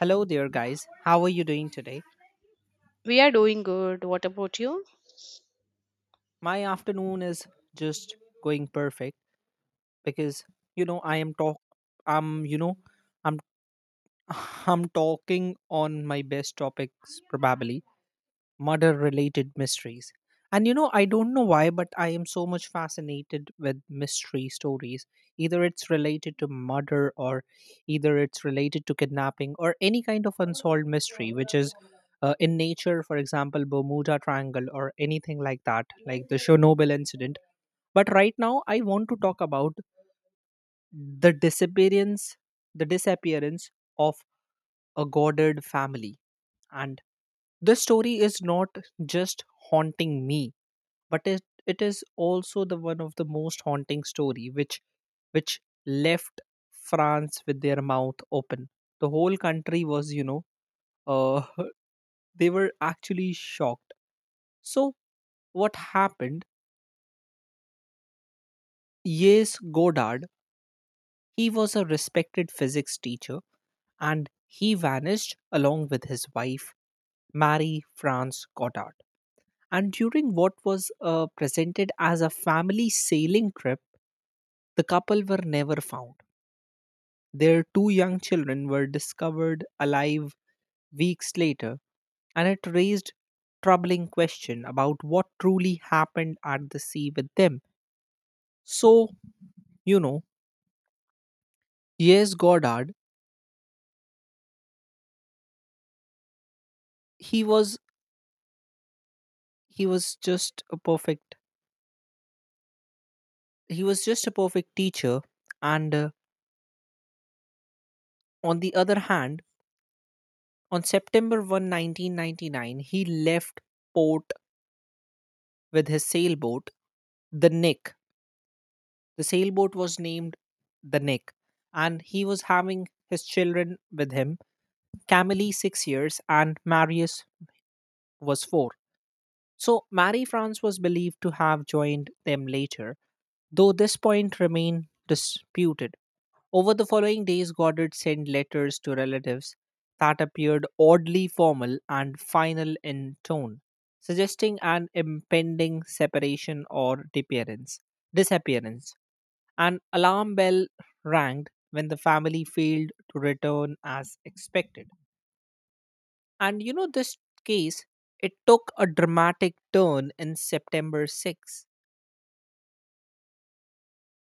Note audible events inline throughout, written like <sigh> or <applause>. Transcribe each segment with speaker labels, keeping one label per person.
Speaker 1: Hello there, guys. How are you doing today?
Speaker 2: We are doing good. What about you?
Speaker 1: My afternoon is just going perfect because I am talk. I'm you know I'm <sighs> <laughs> I'm talking on my best topics probably murder related mysteries. And I don't know why, but I am so much fascinated with mystery stories. Either it's related to murder, or either it's related to kidnapping, or any kind of unsolved mystery, which is in nature, for example, Bermuda Triangle, or anything like that, like the Chernobyl incident. But right now, I want to talk about the disappearance, the disappearance of a Goddard family. And this story is not just haunting me but it is also the one of the most haunting story which left France with their mouth open. The whole country was, uh, <laughs> they were actually shocked. So, what happened? Yes, Godard, he was a respected physics teacher and he vanished along with his wife, Marie France Goddard. And during what was presented as a family sailing trip, the couple were never found. Their two young children were discovered alive weeks later, and it raised troubling question about what truly happened at the sea with them. So, you know, yes, Goddard, he was he was just a perfect he was just a perfect teacher, and on the other hand, on September 1, 1999, he left port with his sailboat, the Nick. The sailboat was named the Nick, and he was having his children with him. Camille, 6 years, and Marius was four. So Marie France was believed to have joined them later, though this point remained disputed. Over the following days, Goddard sent letters to relatives that appeared oddly formal and final in tone, suggesting an impending separation or disappearance. Disappearance. An alarm bell rang when the family failed to return as expected. And this case, it took a dramatic turn in September 6,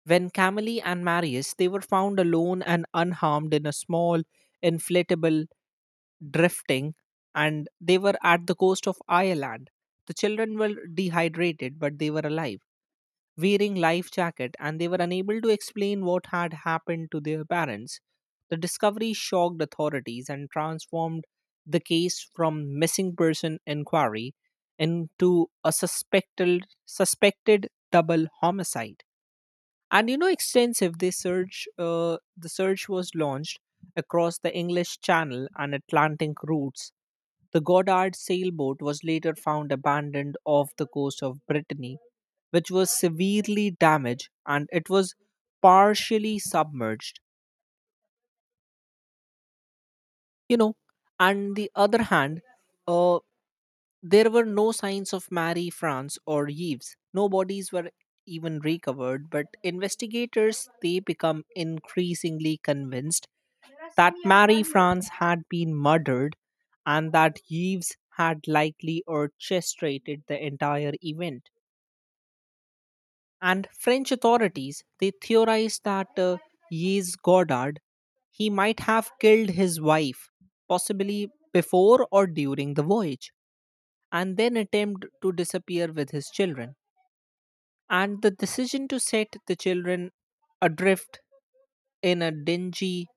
Speaker 1: when Camille and Marius, they were found alone and unharmed in a small inflatable drifting, and they were at the coast of Ireland. The children were dehydrated, but they were alive, wearing life jacket and they were unable to explain what had happened to their parents. The discovery shocked authorities and transformed the case from missing person inquiry into a suspected double homicide. And extensive this search the search was launched across the English Channel and Atlantic routes. The Goddard sailboat was later found abandoned off the coast of Brittany, which was severely damaged and it was partially submerged, you know and the other hand, uh, there were no signs of Marie France or Yves, no bodies were even recovered, but investigators they become increasingly convinced that Mary France had been murdered and that Yves had likely orchestrated the entire event. And French authorities they theorized that Yves Goddard he might have killed his wife, possibly before or during the voyage, and then attempt to disappear with his children. And the decision to set the children adrift in a dingy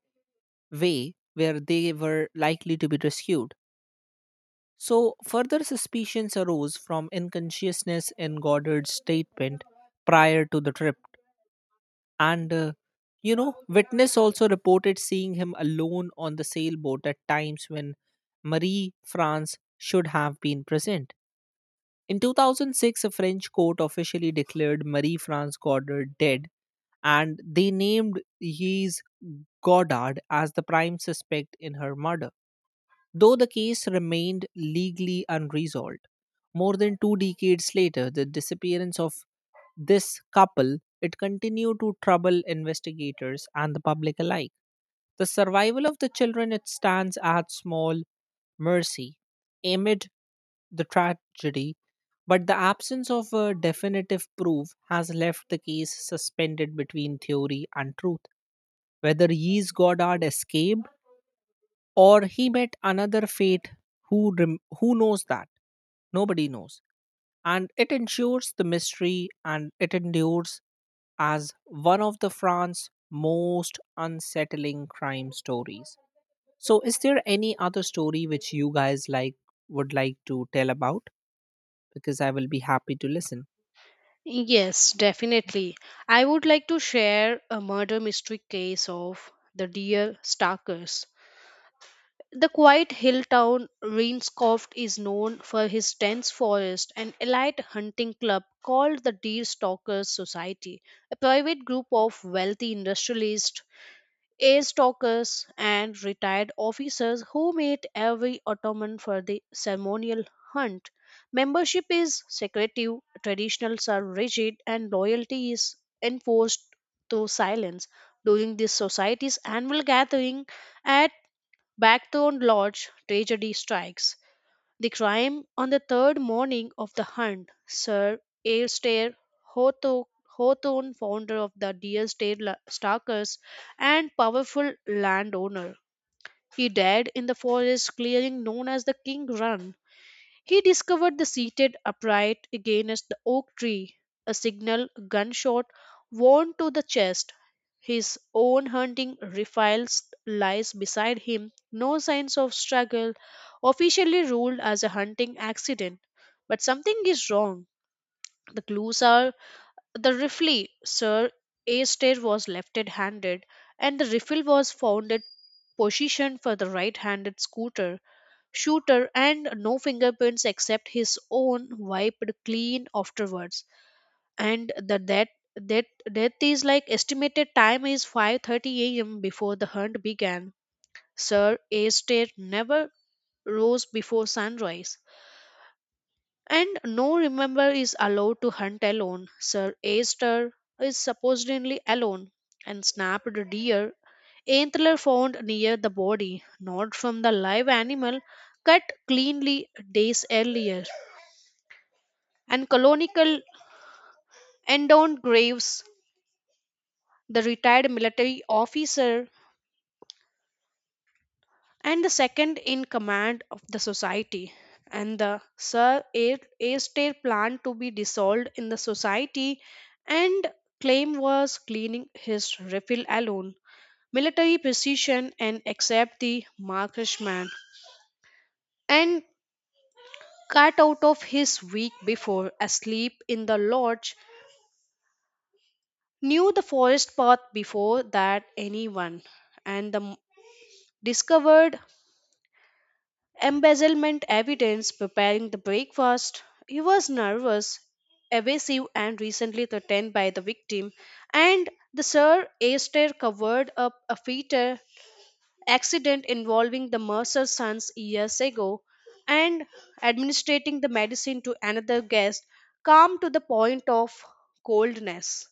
Speaker 1: way where they were likely to be rescued. So, further suspicions arose from unconsciousness in Goddard's statement prior to the trip. And, witness also reported seeing him alone on the sailboat at times when Marie France should have been present. In 2006, a French court officially declared Marie France Goddard dead, and they named Yves Goddard as the prime suspect in her murder. Though the case remained legally unresolved, more than 2 decades later, the disappearance of this couple it continued to trouble investigators and the public alike. The survival of the children it stands at small mercy amid the tragedy, but the absence of a definitive proof has left the case suspended between theory and truth. Whether Yees Goddard escaped or he met another fate, who knows that, nobody knows, and it ensures the mystery and it endures as one of the France's most unsettling crime stories. So, is there any other story which you guys like would like to tell about, because I will be happy to listen.
Speaker 2: Yes, definitely. I would like to share a murder mystery case of the deer stalkers. The quiet hill town Rainscoft is known for his dense forest and elite hunting club called the Deer Stalkers Society, a private group of wealthy industrialists ace talkers and retired officers who meet every autumn for the ceremonial hunt. Membership is secretive, traditionals are rigid, and loyalty is enforced through silence. During this society's annual gathering at Blackthorn Lodge, tragedy strikes. The crime on the third morning of the hunt, Sir Alistair Hawtho- Hawthorne, founder of the Deer Stalkers and powerful landowner, he died in the forest clearing known as the King Run. He discovered the seated upright against the oak tree, a signal gunshot wound to the chest. His own hunting rifle lies beside him, no signs of struggle, officially ruled as a hunting accident. But something is wrong. The clues are the rifle, Sir Astaire was left handed, and the rifle was found at position for the right handed scooter shooter and no fingerprints except his own wiped clean afterwards and the death that death is like estimated time is 5:30 a.m. before the hunt began. Sir Astaire never rose before sunrise and no remember is allowed to hunt alone. Sir Aster is supposedly alone and snapped a deer antler found near the body, not from the live animal, cut cleanly days earlier. And colonial endowed graves, the retired military officer and the second in command of the society. And the Sir Astaire planned to be dissolved in the society and claim was cleaning his refill alone. Military precision and accept the marksman and cut out of his week before asleep in the lodge knew the forest path before that anyone and the discovered embezzlement evidence preparing the breakfast. He was nervous, evasive, and recently threatened by the victim. And the Sir Aster covered up a fatal accident involving the Mercer sons years ago and administering the medicine to another guest, calm to the point of coldness.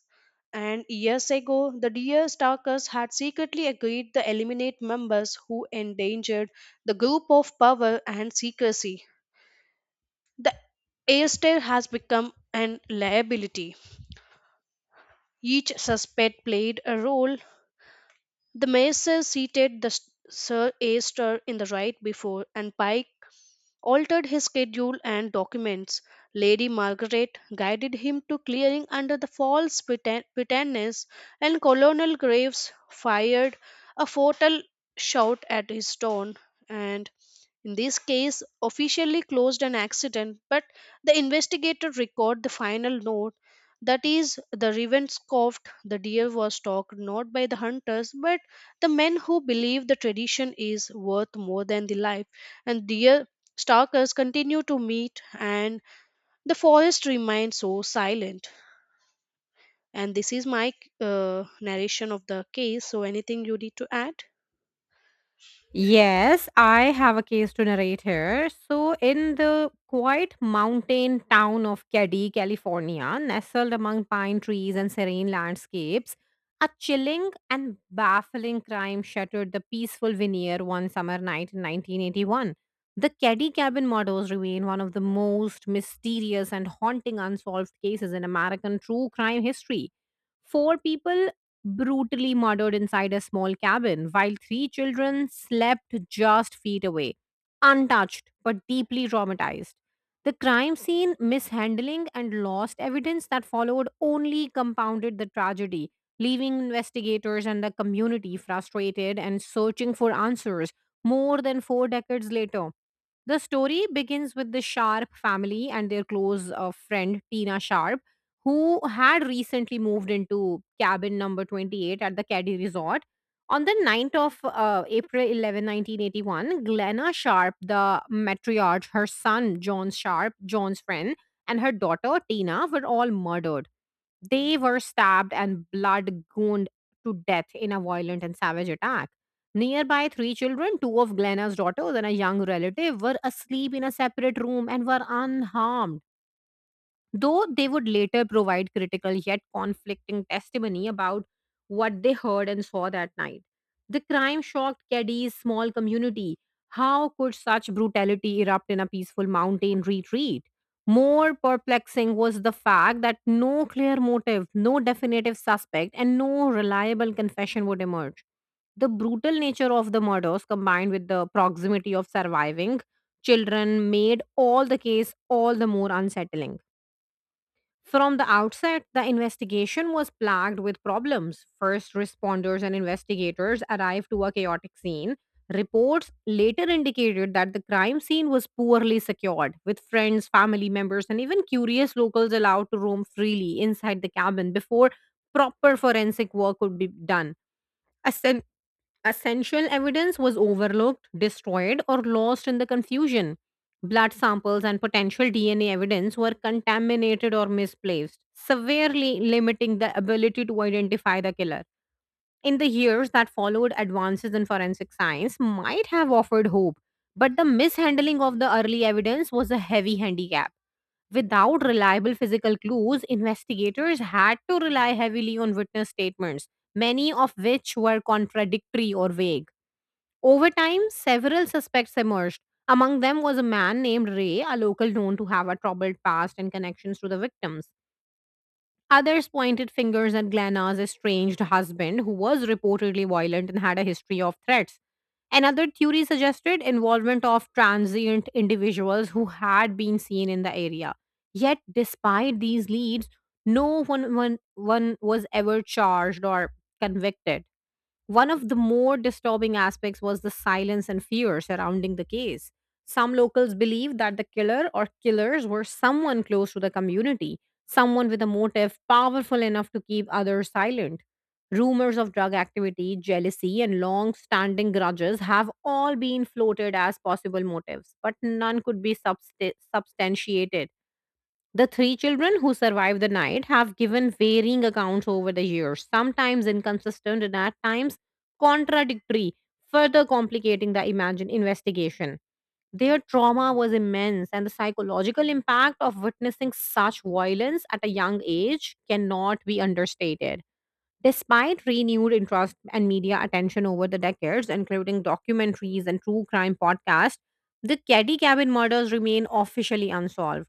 Speaker 2: And years ago, the deer stalkers had secretly agreed to eliminate members who endangered the group of power and secrecy. The airstyle has become an liability. Each suspect played a role. The mayor seated the Sir Aster in the right before, and Pike altered his schedule and documents. Lady Margaret guided him to clearing under the false pretense, and Colonel Graves fired a fatal shot at his stone and in this case officially closed an accident but the investigator record the final note that is the raven scoffed the deer was stalked not by the hunters but the men who believe the tradition is worth more than the life and deer Stalkers continue to meet, and the forest remains so silent. And this is my narration of the case. So, anything you need to add?
Speaker 3: Yes, I have a case to narrate here. So, in the quiet mountain town of Keddie, California, nestled among pine trees and serene landscapes, a chilling and baffling crime shattered the peaceful veneer one summer night in 1981. The Keddie cabin murders remain one of the most mysterious and haunting unsolved cases in American true crime history. Four people brutally murdered inside a small cabin while three children slept just feet away, untouched but deeply traumatized. The crime scene, mishandling, and lost evidence that followed only compounded the tragedy, leaving investigators and the community frustrated and searching for answers more than four decades later. The story begins with the Sharp family and their close friend Tina Sharp, who had recently moved into cabin number 28 at the Caddy Resort. On the ninth of April 11, 1981, Glenna Sharp, the matriarch, her son John Sharp, John's friend, and her daughter Tina were all murdered. They were stabbed and blood gooned to death in a violent and savage attack. Nearby, three children, two of Glenna's daughters, and a young relative, were asleep in a separate room and were unharmed, though they would later provide critical yet conflicting testimony about what they heard and saw that night. The crime shocked Keddy's small community. How could such brutality erupt in a peaceful mountain retreat? More perplexing was the fact that no clear motive, no definitive suspect, and no reliable confession would emerge. The brutal nature of the murders, combined with the proximity of surviving children, made all the case all the more unsettling. From the outset, the investigation was plagued with problems. First responders and investigators arrived to a chaotic scene. Reports later indicated that the crime scene was poorly secured, with friends, family members, and even curious locals allowed to roam freely inside the cabin before proper forensic work could be done. Essential evidence was overlooked, destroyed, or lost in the confusion. Blood samples and potential DNA evidence were contaminated or misplaced, severely limiting the ability to identify the killer. In the years that followed, advances in forensic science might have offered hope, but the mishandling of the early evidence was a heavy handicap. Without reliable physical clues, investigators had to rely heavily on witness statements, many of which were contradictory or vague. Over time, several suspects emerged. Among them was a man named Ray, a local known to have a troubled past and connections to the victims. Others pointed fingers at Glenna's estranged husband, who was reportedly violent and had a history of threats. Another theory suggested involvement of transient individuals who had been seen in the area. Yet, despite these leads, no one was ever charged or convicted. One of the more disturbing aspects was the silence and fear surrounding the case. Some locals believed that the killer or killers were someone close to the community, someone with a motive powerful enough to keep others silent. Rumors of drug activity, jealousy, and long standing grudges have all been floated as possible motives, but none could be substantiated. The three children who survived the night have given varying accounts over the years, sometimes inconsistent and at times contradictory, further complicating the imagined investigation. Their trauma was immense, and the psychological impact of witnessing such violence at a young age cannot be understated. Despite renewed interest and media attention over the decades, including documentaries and true crime podcasts, the Caddy Cabin murders remain officially unsolved.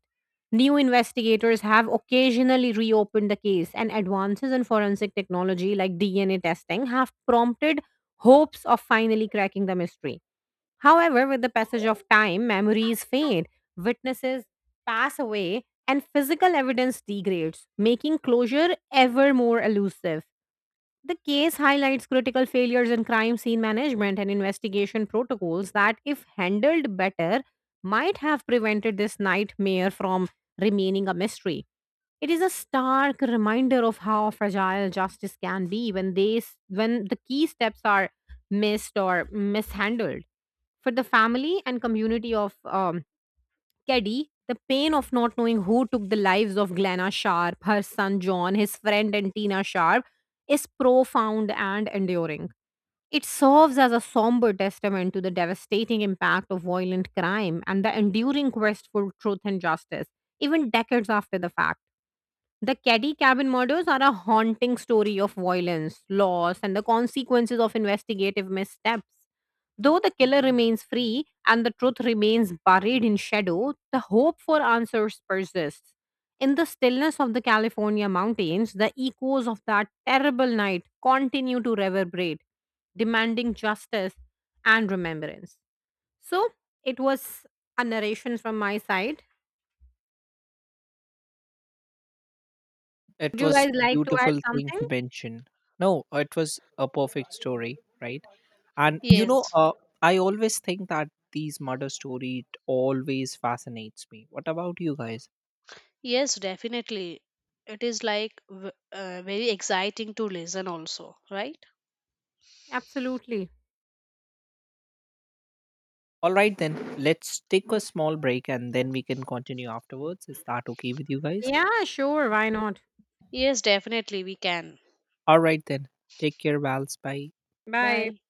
Speaker 3: New investigators have occasionally reopened the case, and advances in forensic technology like DNA testing have prompted hopes of finally cracking the mystery. However, with the passage of time, memories fade, witnesses pass away, and physical evidence degrades, making closure ever more elusive. The case highlights critical failures in crime scene management and investigation protocols that, if handled better, might have prevented this nightmare from remaining a mystery. It is a stark reminder of how fragile justice can be when when the key steps are missed or mishandled. For the family and community of Keddy, the pain of not knowing who took the lives of Glenna Sharp, her son John, his friend and Tina Sharp, is profound and enduring. It serves as a somber testament to the devastating impact of violent crime and the enduring quest for truth and justice, even decades after the fact. The Caddy Cabin murders are a haunting story of violence, loss, and the consequences of investigative missteps. Though the killer remains free and the truth remains buried in shadow, the hope for answers persists. In the stillness of the California mountains, the echoes of that terrible night continue to reverberate, demanding justice and remembrance. So, it was a narration from my side.
Speaker 1: It
Speaker 3: Would you
Speaker 1: was
Speaker 3: guys
Speaker 1: a
Speaker 3: like to add
Speaker 1: beautiful thing to
Speaker 3: something?
Speaker 1: mention. No, it was a perfect story, right? And
Speaker 2: Yes,
Speaker 1: I always think that these murder story it always fascinates me. What about you guys?
Speaker 2: yes, definitely. It is like very exciting to listen, also, right?
Speaker 3: Absolutely.
Speaker 1: All right, then let's take a small break and then we can continue afterwards. Is that okay with you guys?
Speaker 3: Yeah, sure. Why not?
Speaker 2: Yes, definitely, we can.
Speaker 1: All right, then take care, Vals. Bye.
Speaker 3: Bye.
Speaker 2: Bye.